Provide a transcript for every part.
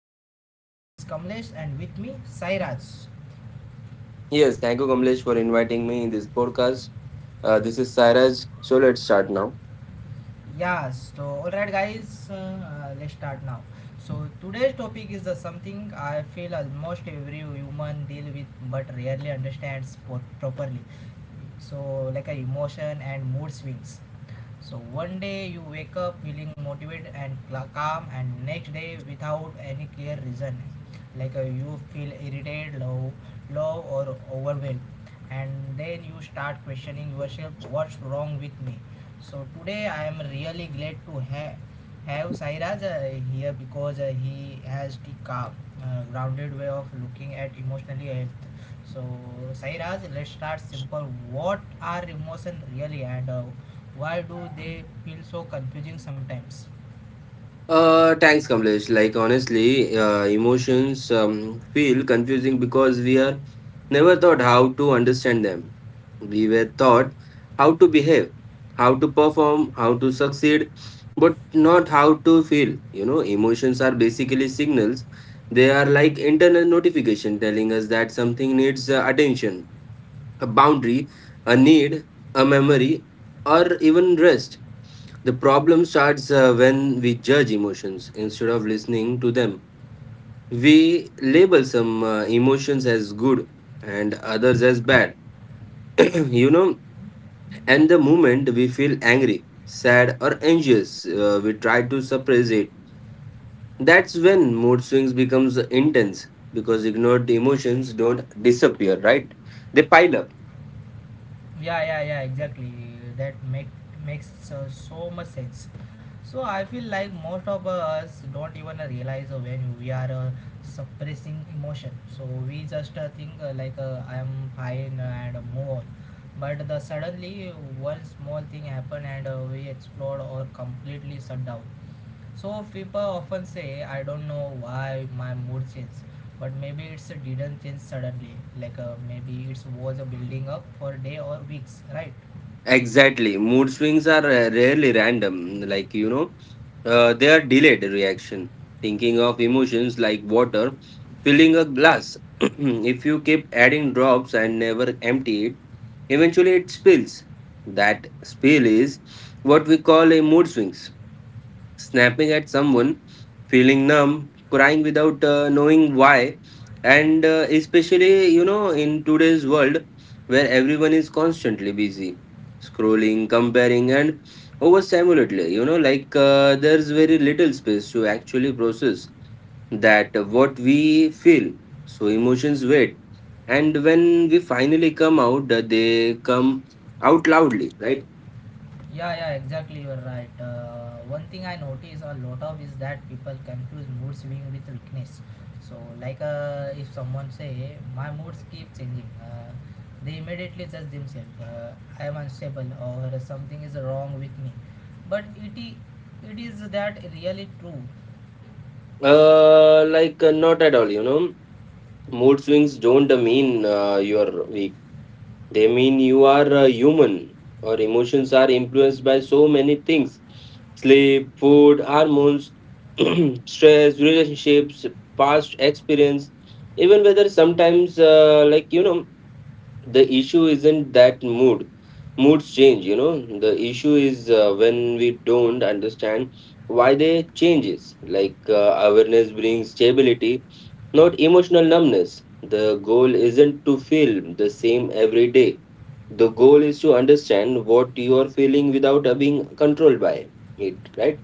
podcast. This is Kamlesh and with me Sairaj. Yes, thank you, Kamlesh, for inviting me in this podcast. This is Sairaj. So let's start now. Yes, so alright guys, let's start now. So today's topic is something I feel almost every human deal with but rarely understands properly. So like a emotion and mood swings. So one day you wake up feeling motivated and calm, and next day without any clear reason, like you feel irritated, low or overwhelmed, and then you start questioning yourself, what's wrong with me? So today I am really glad to have Sairaj here because he has the calm, grounded way of looking at emotionally health. So, Sairaj, let's start simple. What are emotions really, and why do they feel so confusing sometimes? Thanks, Kamlesh. Emotions feel confusing because we are never taught how to understand them. We were taught how to behave, how to perform, how to succeed, but not how to feel. You know, emotions are basically signals. They are like internal notification telling us that something needs attention, a boundary, a need, a memory, or even rest. The problem starts when we judge emotions instead of listening to them. We label some emotions as good and others as bad. You know, and the moment we feel angry, sad, or anxious, we try to suppress it. That's when mood swings becomes intense because ignored emotions don't disappear, right? They pile up. Yeah, yeah, yeah, exactly, that makes so much sense. So I feel like most of us don't even realize when we are suppressing emotion, so we just think like I am fine and move on, but the suddenly one small thing happen and we explode or completely shut down. So people often say, I don't know why my mood changed, but maybe it's didn't change suddenly. Like maybe it was a building up for day or weeks, right? Exactly. Mood swings are rarely random. They are delayed reaction. Thinking of emotions like water, filling a glass. If you keep adding drops and never empty it, eventually it spills. That spill is what we call a mood swings, snapping at someone, feeling numb, crying without knowing why. And especially, you know, in today's world where everyone is constantly busy, scrolling, comparing, and overstimulatedly, there's very little space to actually process that what we feel. So emotions wait. And when we finally come out, they come out loudly, right? Yeah, yeah, exactly. You're right. One thing I notice a lot of is that people confuse mood swing with weakness. So like if someone say my moods keep changing, they immediately judge themselves. I am unstable or something is wrong with me. But it is that really true? Not at all, you know. Mood swings don't mean you're weak. They mean you are human. Our emotions are influenced by so many things: sleep, food, hormones, stress, relationships, past experience, even whether sometimes, the issue isn't that moods change. You know, the issue is when we don't understand why they changes. Awareness brings stability, not emotional numbness. The goal isn't to feel the same every day. The goal is to understand what you are feeling without being controlled by it, right?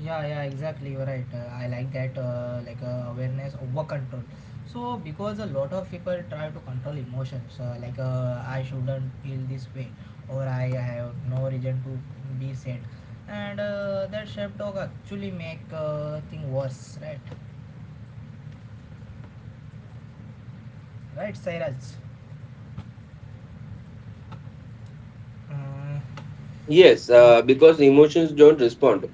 Yeah, yeah, exactly. You're right. I like that, awareness over control. So because a lot of people try to control emotions, I shouldn't feel this way, or I have no reason to be sad, and that shape dog actually make thing worse, right? Right, Sairaj. Uh, Yes, so because emotions don't respond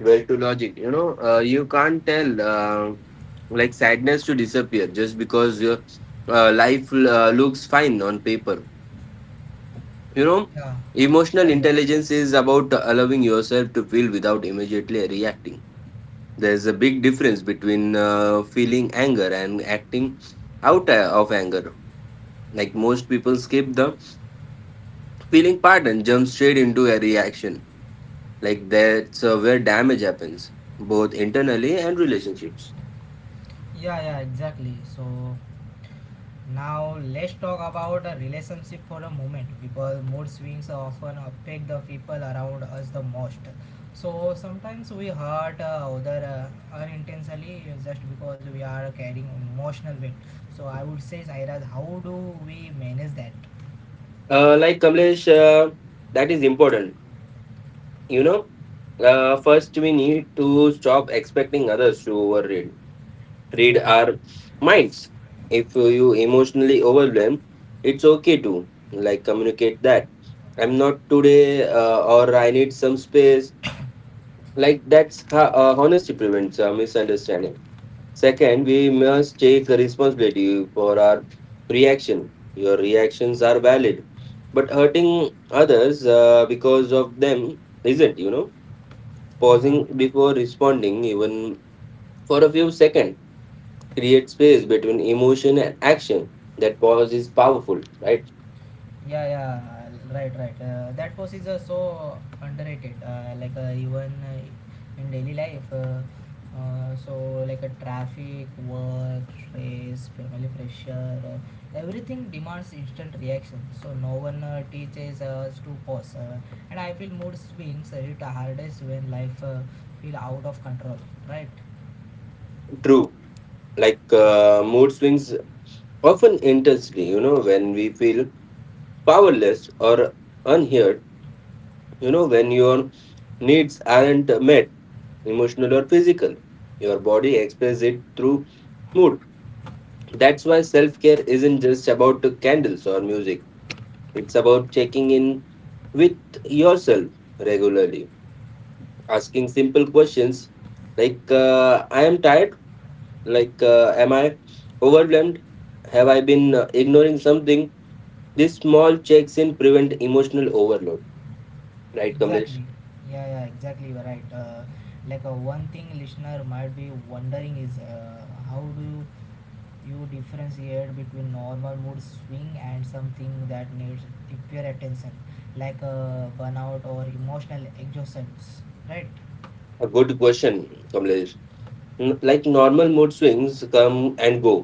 well to logic. You know, you can't tell like sadness to disappear just because your life looks fine on paper. You know, yeah, emotional yeah, yeah, intelligence is about allowing yourself to feel without immediately reacting. There's a big difference between feeling anger and acting out of anger. Like most people skip the feeling part and jump straight into a reaction. Like that's where damage happens, both internally and relationships. yeah, yeah, exactly. So now let's talk about a relationship for a moment because mood swings often affect the people around us the most. So sometimes we hurt other unintentionally just because we are carrying emotional weight. So I would say, Sairaj, how do we manage that? Like Kamlesh, that is important. You know, first we need to stop expecting others to overread read Yeah, our minds. If you emotionally overwhelmed, it's okay to like communicate that I'm not today, or I need some space. Like that's how honesty prevents misunderstanding. Second, we must take the responsibility for our reaction. Your reactions are valid, but hurting others because of them isn't. You know, yeah. pausing before responding, even for a few seconds, create space between emotion and action. That pause is powerful, right? Yeah, yeah, right, right. That post is so underrated. Like even in daily life, so like a traffic, work, stress, family pressure, everything demands instant reaction. So no one teaches us to pause. And I feel mood swings hit hardest when life feel out of control. Right. True. Mood swings often intensely, you know, when we feel powerless or unheard. You know, when your needs aren't met, emotional or physical, your body expresses it through mood. That's why self care isn't just about candles or music, it's about checking in with yourself regularly, asking simple questions like, I am tired, am I overwhelmed, have I been ignoring something? These small checks in prevent emotional overload, right, Kamlesh? Exactly. Yeah, yeah, exactly. You're right. One thing listener might be wondering is how do you differentiate between normal mood swing and something that needs deeper attention, like a burnout or emotional exhaustion, right? A good question, Kamlesh. Like normal mood swings come and go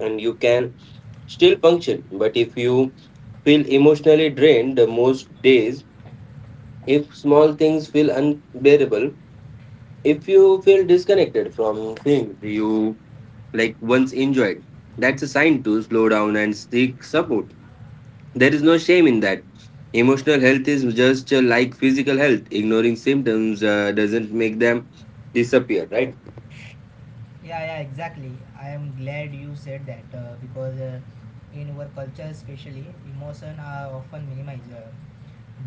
and you can still function. But if you feel emotionally drained most days, if small things feel unbearable, if you feel disconnected from things you like once enjoyed, that's a sign to slow down and seek support. There is no shame in that. Emotional health is just like physical health. Ignoring symptoms doesn't make them disappear, right? Yeah, yeah, exactly. I am glad you said that because in our culture, especially, emotion are often minimized.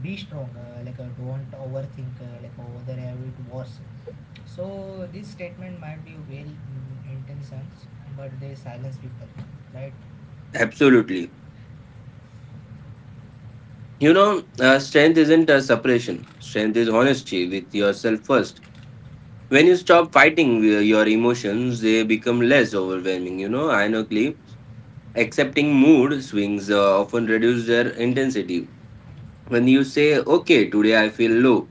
Be strong, don't overthink, other have it worse. So this statement might be well intentioned, but they silence people, right? Absolutely. You know, strength isn't a suppression, strength is honesty with yourself first. When you stop fighting with your emotions, they become less overwhelming. You know, ironically, accepting mood swings often reduce their intensity. When you say, okay, today I feel low,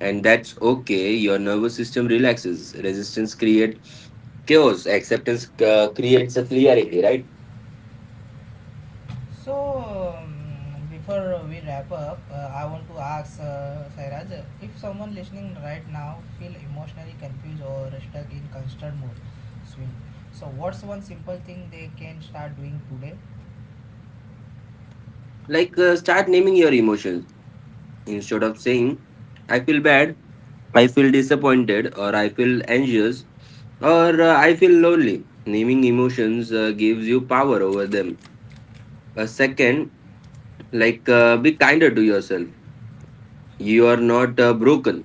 and that's okay, your nervous system relaxes. Resistance creates chaos, acceptance creates a clarity, right? So, um, before we wrap up, I want to ask Sairaj if someone listening right now feel emotionally confused or stuck in constant mood swing. So, what's one simple thing they can start doing today? Start naming your emotions. Instead of saying, I feel bad, I feel disappointed, or I feel anxious, or I feel lonely. Naming emotions gives you power over them. A second, be kinder to yourself. You are not broken.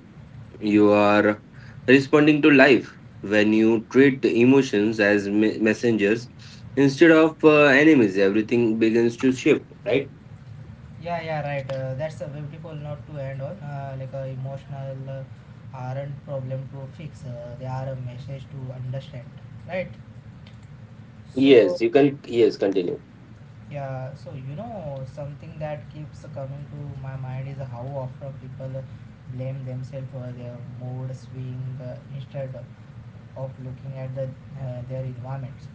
You are responding to life. When you treat emotions as messengers instead of enemies, everything begins to shift, right? Yeah, yeah, right. That's a beautiful note to end on. Emotional aren't problem to fix. They are a message to understand, right? So. Yes, you can. Yes, continue. Yeah, so you know, something that keeps coming to my mind is how often people blame themselves for their mood swing instead of looking at the their environments.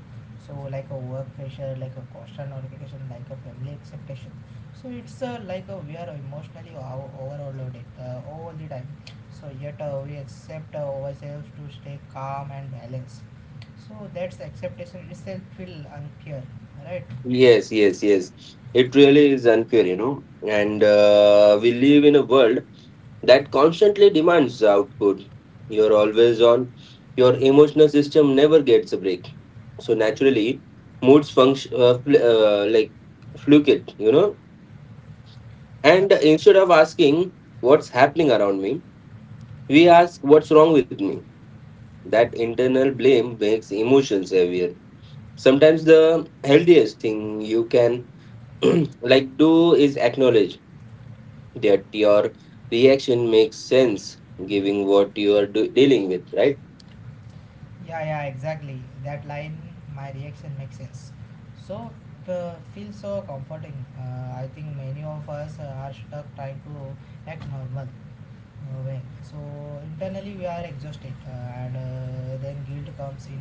So, like a work pressure, like a constant notification, like a family expectation. So it's we are emotionally overloaded all the time. So yet we accept ourselves to stay calm and balanced. So that's acceptation itself feel unfair, right? Yes, yes, yes. It really is unfair, you know. And we live in a world that constantly demands output. You're always on. Your emotional system never gets a break. So naturally, moods function fluctuate, you know. Yeah, And instead of asking what's happening around me, we ask what's wrong with me. That internal blame makes emotions heavier. Sometimes the healthiest thing you can like do is acknowledge that your reaction makes sense giving what you are dealing with, right? yeah, yeah, exactly. That line, my reaction makes sense. So, feels so comforting. I think many of us are stuck trying to act normal way. So, internally we are exhausted, and then guilt comes in.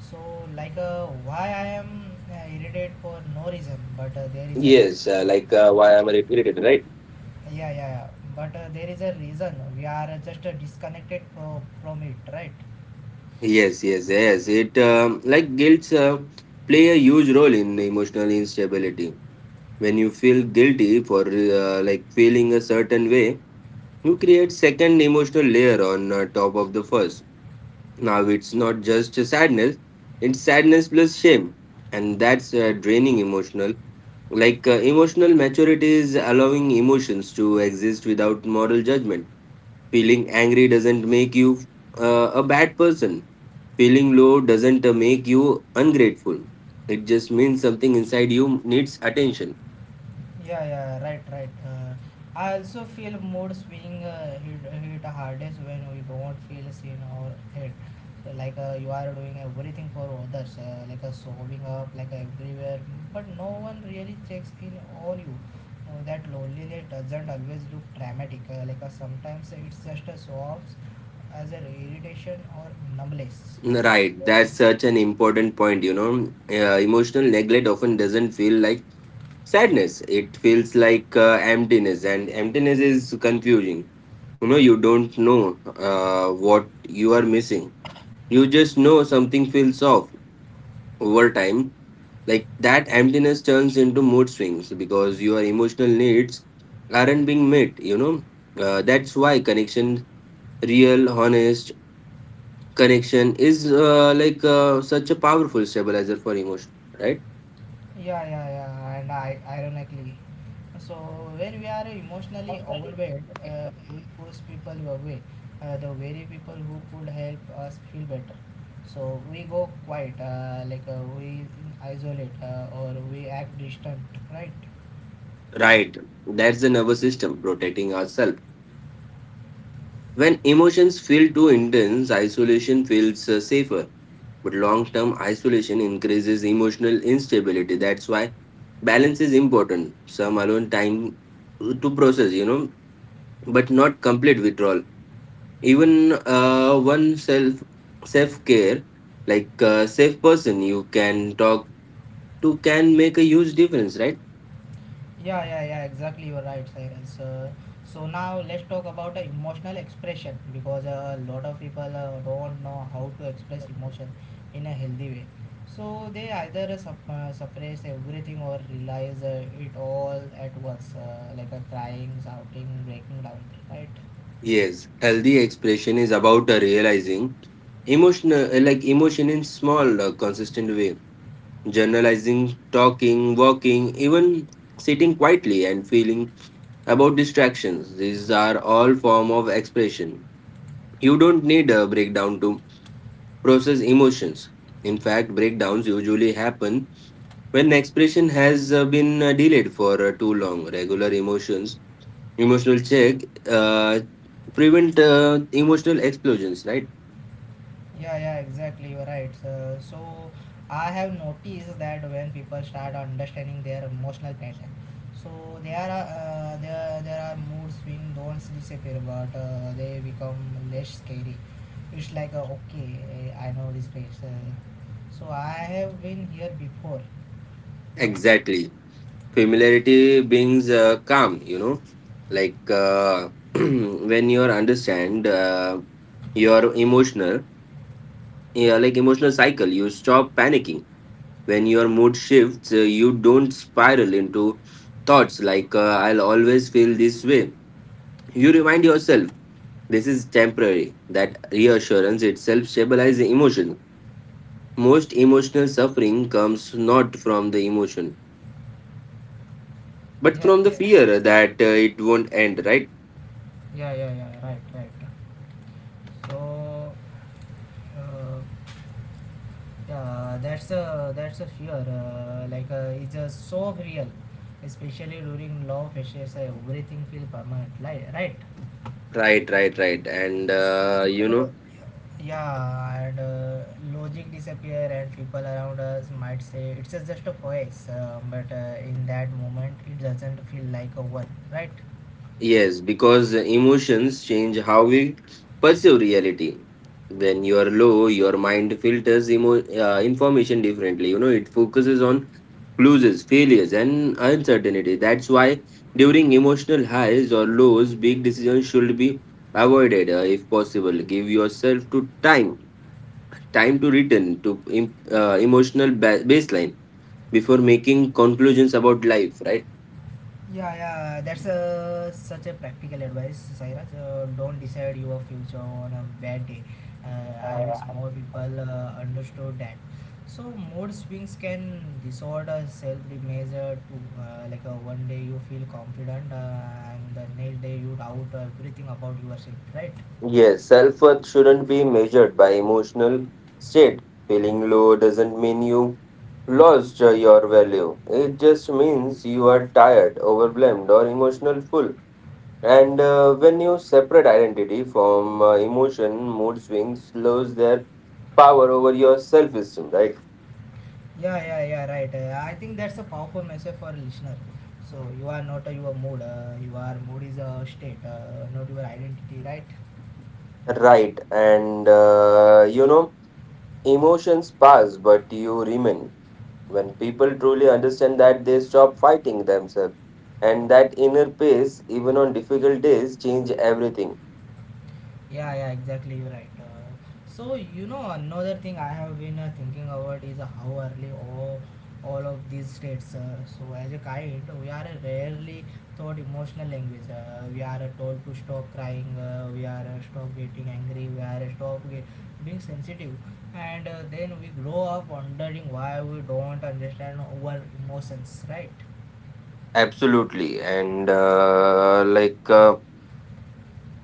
So, why I am irritated for no reason, Yes, but there is why a reason. I'm irritated, right? Yeah, yeah, yeah. But there is a reason. We are just disconnected from it, right? Yes, yes, yes. it like Guilt play a huge role in emotional instability. When you feel guilty for like feeling a certain way, you create second emotional layer on top of the first. Now it's not just sadness, it's sadness plus shame. And that's draining emotional. Emotional maturity is allowing emotions to exist without moral judgment. Feeling angry doesn't make you a bad person. Feeling low doesn't make you ungrateful. It just means something inside you needs attention. Yeah, yeah, right, right. I also feel mood swing hit hardest when you don't feel seen or heard. So like you are doing everything for others, showing up like everywhere, but no one really checks in on you. That loneliness doesn't always look dramatic. Sometimes it's just a sobs as an irritation or numbness. Right, that's such an important point. You know, emotional neglect often doesn't feel like sadness, it feels like emptiness, and emptiness is confusing. You know, you don't know what you are missing. You just know something feels off over time. Like that emptiness turns into mood swings because your emotional needs aren't being met, you know. That's why connection, real, honest connection is such a powerful stabilizer for emotion, right? Yeah, yeah, yeah, and I ironically. So when we are emotionally overwhelmed, we push people away, the very people who could help us feel better. So we go quiet, we isolate or we act distant, right? Right. That's the nervous system protecting ourselves. When emotions feel too intense, isolation feels safer. But long term isolation increases emotional instability. That's why balance is important. Some alone time to process, you know, but not complete withdrawal. Even one self care, like a safe person you can talk to, can make a huge difference, right? Yeah, yeah, yeah, exactly. You're right, Cyrus. So now let's talk about emotional expression because a lot of people don't know how to express emotion in a healthy way. So they either suppress everything or realize it all at once, like a crying, shouting, breaking down, right? Yes, healthy expression is about realizing emotion in small, consistent way. Generalizing, talking, walking, even sitting quietly and feeling about distractions. These are all form of expression. You don't need a breakdown to process emotions. In fact, breakdowns usually happen when expression has been delayed for too long. Emotional check, uh, prevent emotional explosions, right? Yeah, yeah, exactly. You're right. So, so I have noticed that when people start understanding their emotional pattern, so there are there are mood swing don't disappear, but they become less scary. It's like okay, I know this place. So I have been here before, right? Exactly. Familiarity brings calm, you know. like uh, when you understand your emotional yeah, like emotional cycle, you stop panicking. When your mood shifts, you don't spiral into thoughts like, I'll always feel this way. You remind yourself this is temporary. That reassurance itself stabilizes the emotion. Most emotional suffering comes not from the emotion but Yes, from the yes. fear that it won't end, right? Yeah, yeah, yeah. Right, right. So, uh, yeah, that's a fear. It's so real, especially during low pressures. Everything feel permanent, like right? Right, right, right. And you So, know, yeah, and logic disappear, and people around us might say it's just a voice, but in that moment it doesn't feel like a one, right? yes, because emotions change how we perceive reality. When you are low, your mind filters information differently. You know, it focuses on losses, failures, and uncertainty. That's why during emotional highs or lows, big decisions should be avoided if possible. Give yourself to time, time to return to emotional baseline before making conclusions about life, right? Yeah, yeah, that's a, such a practical advice, Sairaj. Don't decide your future on a bad day. I wish more people understood that. So, mood swings can disorder self measure too. One day you feel confident, and the next day you doubt everything about yourself, right? Yes, self worth shouldn't be measured by emotional state. Feeling low doesn't mean you lost your value. It just means you are tired, overwhelmed, or emotional full. And when you separate identity from emotion, mood swings lose their power over your self esteem, right? Yeah, yeah, yeah, right. I think that's a powerful message for a listener. So, you are not your mood, your mood is a state, not your identity, right? Right, and you know, emotions pass, but you remain. When people truly understand that, they stop fighting themselves. And that inner peace, even on difficult days, change everything. Yeah, yeah, exactly. You're right. So you know another thing I have been thinking about is how early all of these states. So as a kid, we are rarely taught emotional language. We are told to stop crying. We are stop getting angry. We are stop ge- being sensitive. And then we grow up wondering why we don't understand our emotions, right? Absolutely. And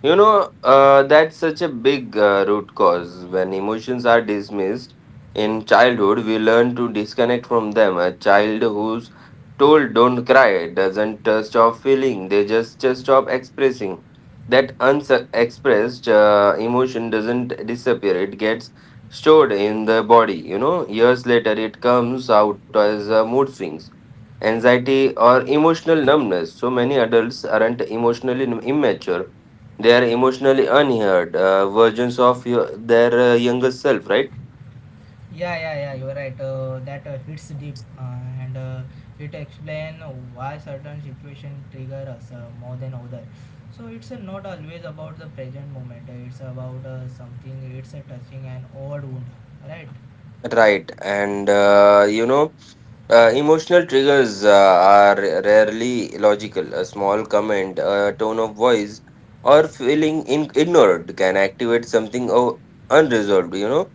you know, that's such a big root cause. When emotions are dismissed in childhood, we learn to disconnect from them. A child who's told don't cry doesn't stop feeling, they just stop expressing. That unexpressed emotion doesn't disappear, it gets stored in the body. You know, years later, it comes out as mood swings. Anxiety or emotional numbness. So many adults aren't emotionally immature, they are emotionally unheard versions of their younger self, right? Yeah, yeah, yeah. You're right. That hits deep, and it explains why certain situations trigger us more than other. So it's not always about the present moment. It's about something. It's touching an old wound, right? Right, and you know, emotional triggers are rarely logical. A small comment, a tone of voice, or ignored can activate something unresolved,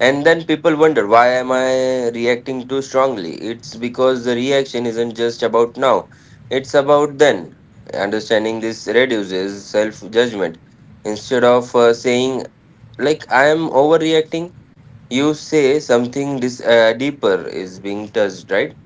And then people wonder, why am I reacting too strongly? It's because the reaction isn't just about now, it's about then. Understanding this reduces self judgment. Instead of saying, like, I am overreacting, you say something deeper is being touched, right?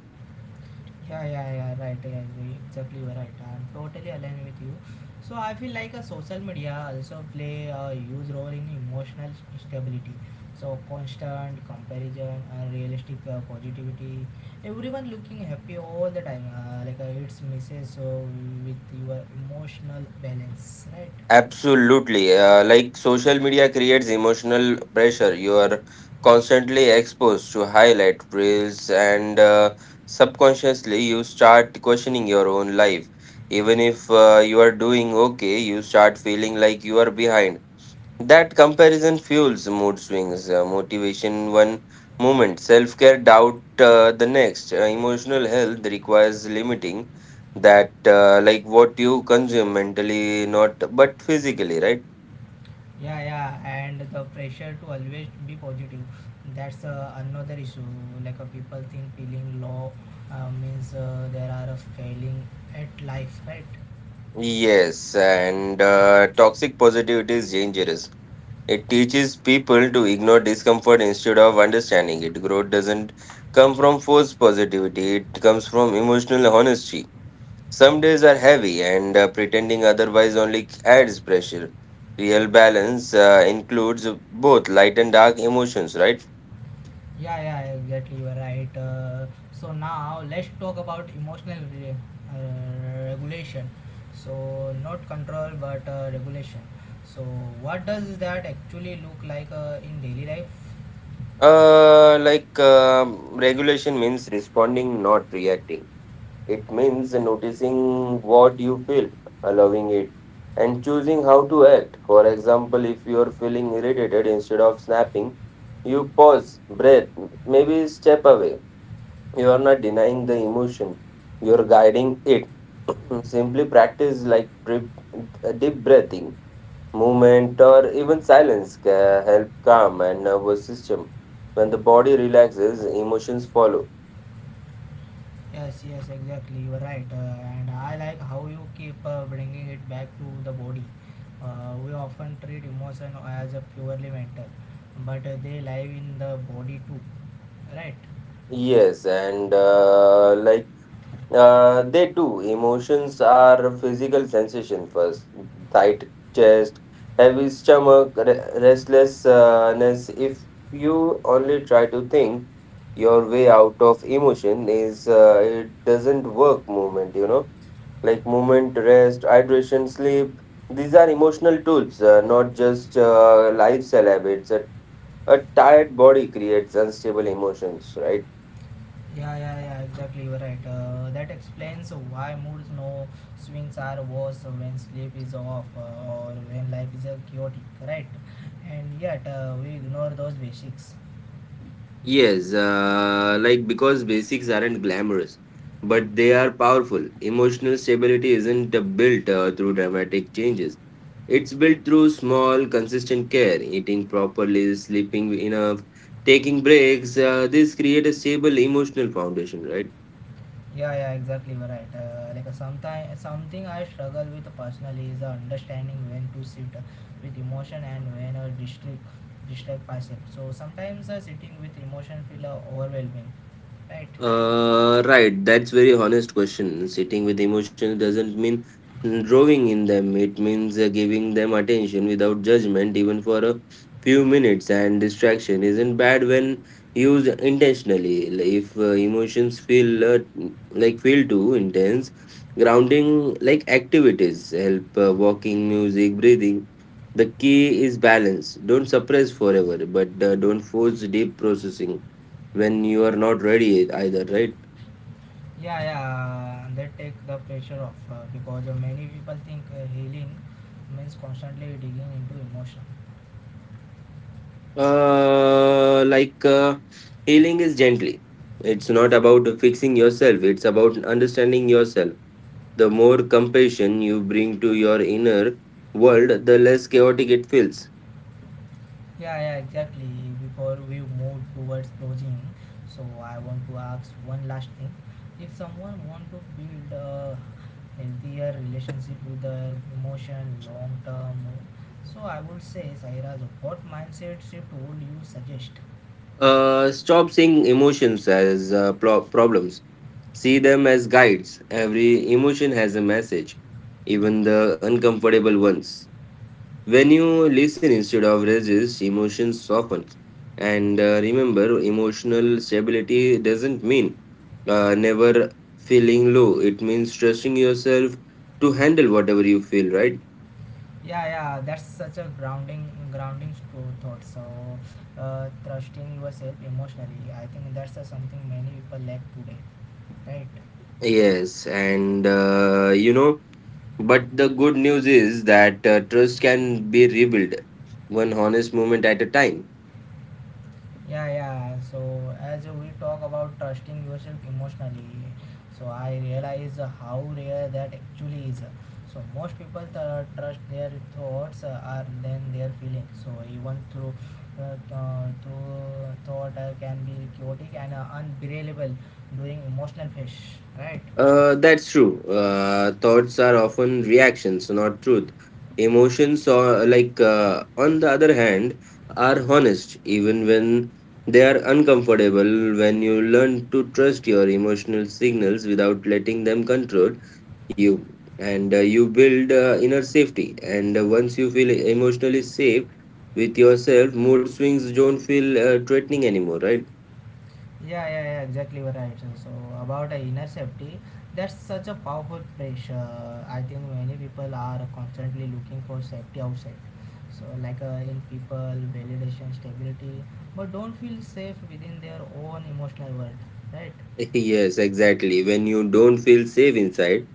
Yeah, yeah, yeah, right. I agree. Exactly, you're right. I'm totally aligned with you. So I feel like a social media also play a huge role in emotional stability. So constant comparison, unrealistic positivity, everyone looking happy all the time. It's misses so with your emotional balance, right? Absolutely. Like social media creates emotional pressure. You are constantly exposed to highlight reels, and subconsciously, you start questioning your own life. Even if you are doing okay, you start feeling like you are behind. That comparison fuels mood swings, motivation one moment, self care doubt the next. Emotional health requires limiting that, like what you consume mentally, not but physically, right? Yeah, yeah, and the pressure to always be positive, that's another issue. Like people think feeling low means there are a failing at life, right? Yes, and toxic positivity is dangerous. It teaches people to ignore discomfort instead of understanding it. Growth doesn't come from forced positivity, it comes from emotional honesty. Some days are heavy, and pretending otherwise only adds pressure. Real balance includes both light and dark emotions, right? Yeah, yeah, exactly, you are right. So now let's talk about emotional regulation, so not control but regulation. So what does that actually look like in daily life? Like regulation means responding, not reacting. It means noticing what you feel, allowing it, and choosing how to act. For example, if you are feeling irritated, instead of snapping, you pause, breathe, maybe step away. You are not denying the emotion, you are guiding it. Simply practice like deep breathing, movement, or even silence can help calm and nervous system. When the body relaxes, emotions follow. Yes, yes, exactly. You are right, and I like how you keep bringing it back to the body. We often treat emotion as a purely mental, but they live in the body too, right? Yes, and they do. Emotions are physical sensation first. Tight chest, heavy stomach, restlessness. If you only try to think your way out of emotion is it doesn't work. Movement, like movement, rest, hydration, sleep, these are emotional tools, not just lifestyle habits. A tired body creates unstable emotions, right? Yeah, yeah, yeah. Exactly, you are right. That explains why moods no swings are worse when sleep is off or when life is chaotic, right? And yet we ignore those basics. Yes, like because basics aren't glamorous, but they are powerful. Emotional stability isn't built through dramatic changes. It's built through small, consistent care, eating properly, sleeping enough, taking breaks. This create a stable emotional foundation, right? Yeah, yeah, exactly. You're right. Like sometimes, something I struggle with personally is understanding when to sit with emotion and when distract myself. So sometimes sitting with emotion feel overwhelming, right? Right, that's very honest question. Sitting with emotions doesn't mean drawing in them. It means giving them attention without judgment, even for a few minutes. And distraction isn't bad when used intentionally. Like, if emotions feel too intense, grounding like activities help. Walking, music, breathing. The key is balance. Don't suppress forever, but don't force deep processing when you are not ready either, right? Yeah, yeah. They take the pressure off because many people think healing means constantly digging into emotion. uh like uh, Healing is gently, it's not about fixing yourself, it's about understanding yourself. The more compassion you bring to your inner world, the less chaotic it feels. Yeah, yeah, exactly. Before we move towards closing, so I want to ask one last thing. If someone want to build a healthier relationship with their emotion long term, so I would say, Sairaj, what mindset shift would you suggest? Stop seeing emotions as problems, see them as guides. Every emotion has a message, even the uncomfortable ones. When you listen instead of resist, emotions soften. And remember, emotional stability doesn't mean never feeling low. It means trusting yourself to handle whatever you feel, right? Yeah, yeah, that's such a grounding thought. So, trusting yourself emotionally, I think that's something many people lack today, right? Yes, and but the good news is that trust can be rebuilt one honest moment at a time. Yeah, yeah. So as we talk about trusting yourself emotionally, so I realize how rare that actually is. So most people trust their thoughts are than their feelings. So even through through thought can be chaotic and unbearable during emotional phase, right? That's true. Thoughts are often reactions, not truth. Emotions, or on the other hand, are honest even when they are uncomfortable. When you learn to trust your emotional signals without letting them control you, and you build inner safety. And once you feel emotionally safe with yourself, mood swings don't feel threatening anymore, right? Yeah, yeah, yeah, exactly right. So about inner safety, that's such a powerful pressure. I think many people are constantly looking for safety outside. So like in people, validation, stability, but don't feel safe within their own emotional world, right? Yes, exactly. When you don't feel safe inside,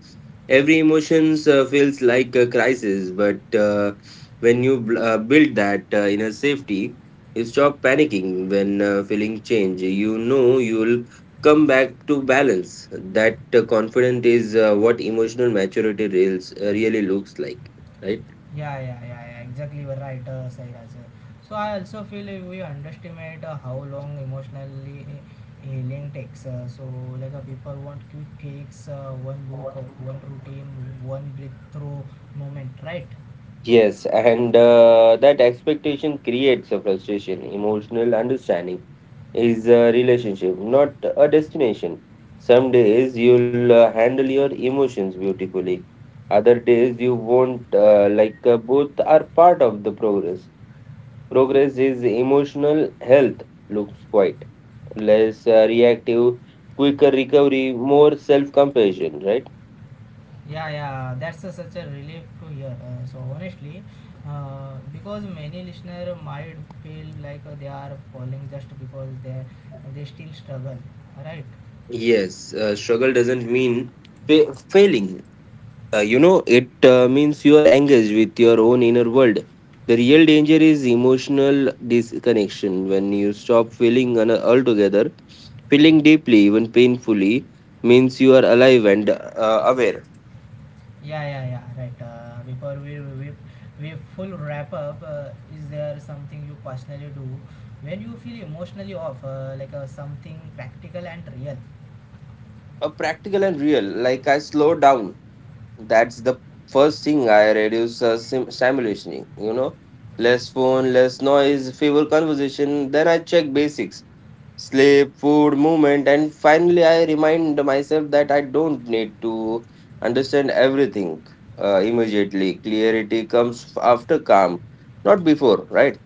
every emotions feels like a crisis. But when you build that inner safety, you stop panicking when feeling change. You know you'll come back to balance. That confident is what emotional maturity really looks like, right? Yeah, yeah, yeah, yeah. Exactly, you are right, Sairaj. So I also feel we underestimate how long emotionally healing takes. People want quick fix, one book, one routine, one breakthrough moment, right? Yes, and that expectation creates a frustration. Emotional understanding is a relationship, not a destination. Some days you'll handle your emotions beautifully, other days you won't. Both are part of the progress. Progress is emotional health. Looks quite less reactive, quicker recovery, more self-compassion, right? Yeah, yeah. That's such a relief to hear. So honestly, because many listener might feel like they are falling just because they still struggle, right? Yes, struggle doesn't mean failing. It means you are engaged with your own inner world. The real danger is emotional disconnection, when you stop feeling altogether. Feeling deeply, even painfully, means you are alive and aware. Yeah, yeah, yeah. Right. Before we full wrap up, is there something you personally do when you feel emotionally off, something practical and real? Practical and real. Like I slow down. That's the first thing. I reduce stimulation. You know, less phone, less noise, fewer conversation. Then I check basics: sleep, food, movement, and finally I remind myself that I don't need to understand everything immediately. Clarity comes after calm, not before. Right.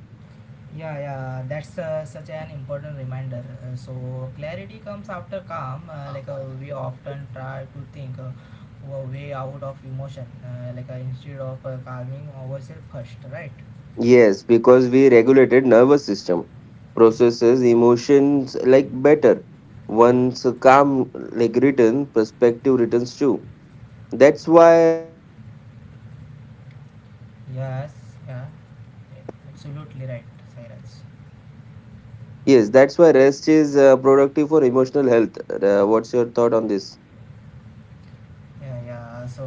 Yeah, yeah. That's such an important reminder. So clarity comes after calm. We often try to think. A way out of emotion instead of calming ourselves first, right? Yes, because we regulated nervous system processes emotions like better. Once a calm like return, perspective returns too. That's why Yes, yeah, absolutely right, Sairaj. Yes, that's why rest is productive for emotional health. What's your thought on this? Yeah, yeah. So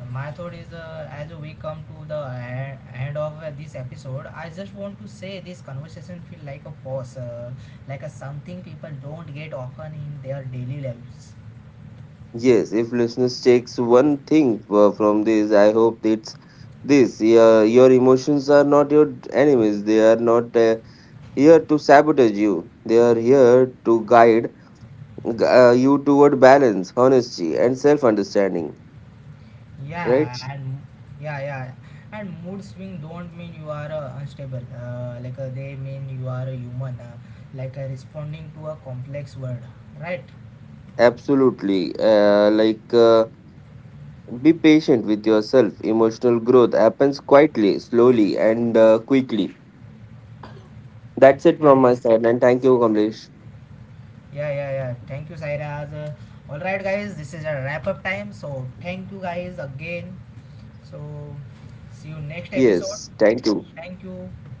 my thought is, as we come to the end of this episode, I just want to say this conversation feel like a pause, a something people don't get often in their daily lives. Yes, if listeners takes one thing from this, I hope it's this. Yeah, your emotions are not your enemies. They are not here to sabotage you. They are here to guide you toward balance, honesty, and self-understanding. Right? Yeah, and yeah, yeah, and mood swing don't mean you are unstable. They mean you are a human, responding to a complex world, right? Absolutely. Be patient with yourself. Emotional growth happens quietly, slowly, and quickly. That's it from Yeah, my yeah. side, and thank you, Kamlesh. Yeah, yeah, yeah. Thank you, Sairaj. All right, guys, this is a wrap up time. So, thank you guys again. So, see you next episode. Yes, thank you. Thank you.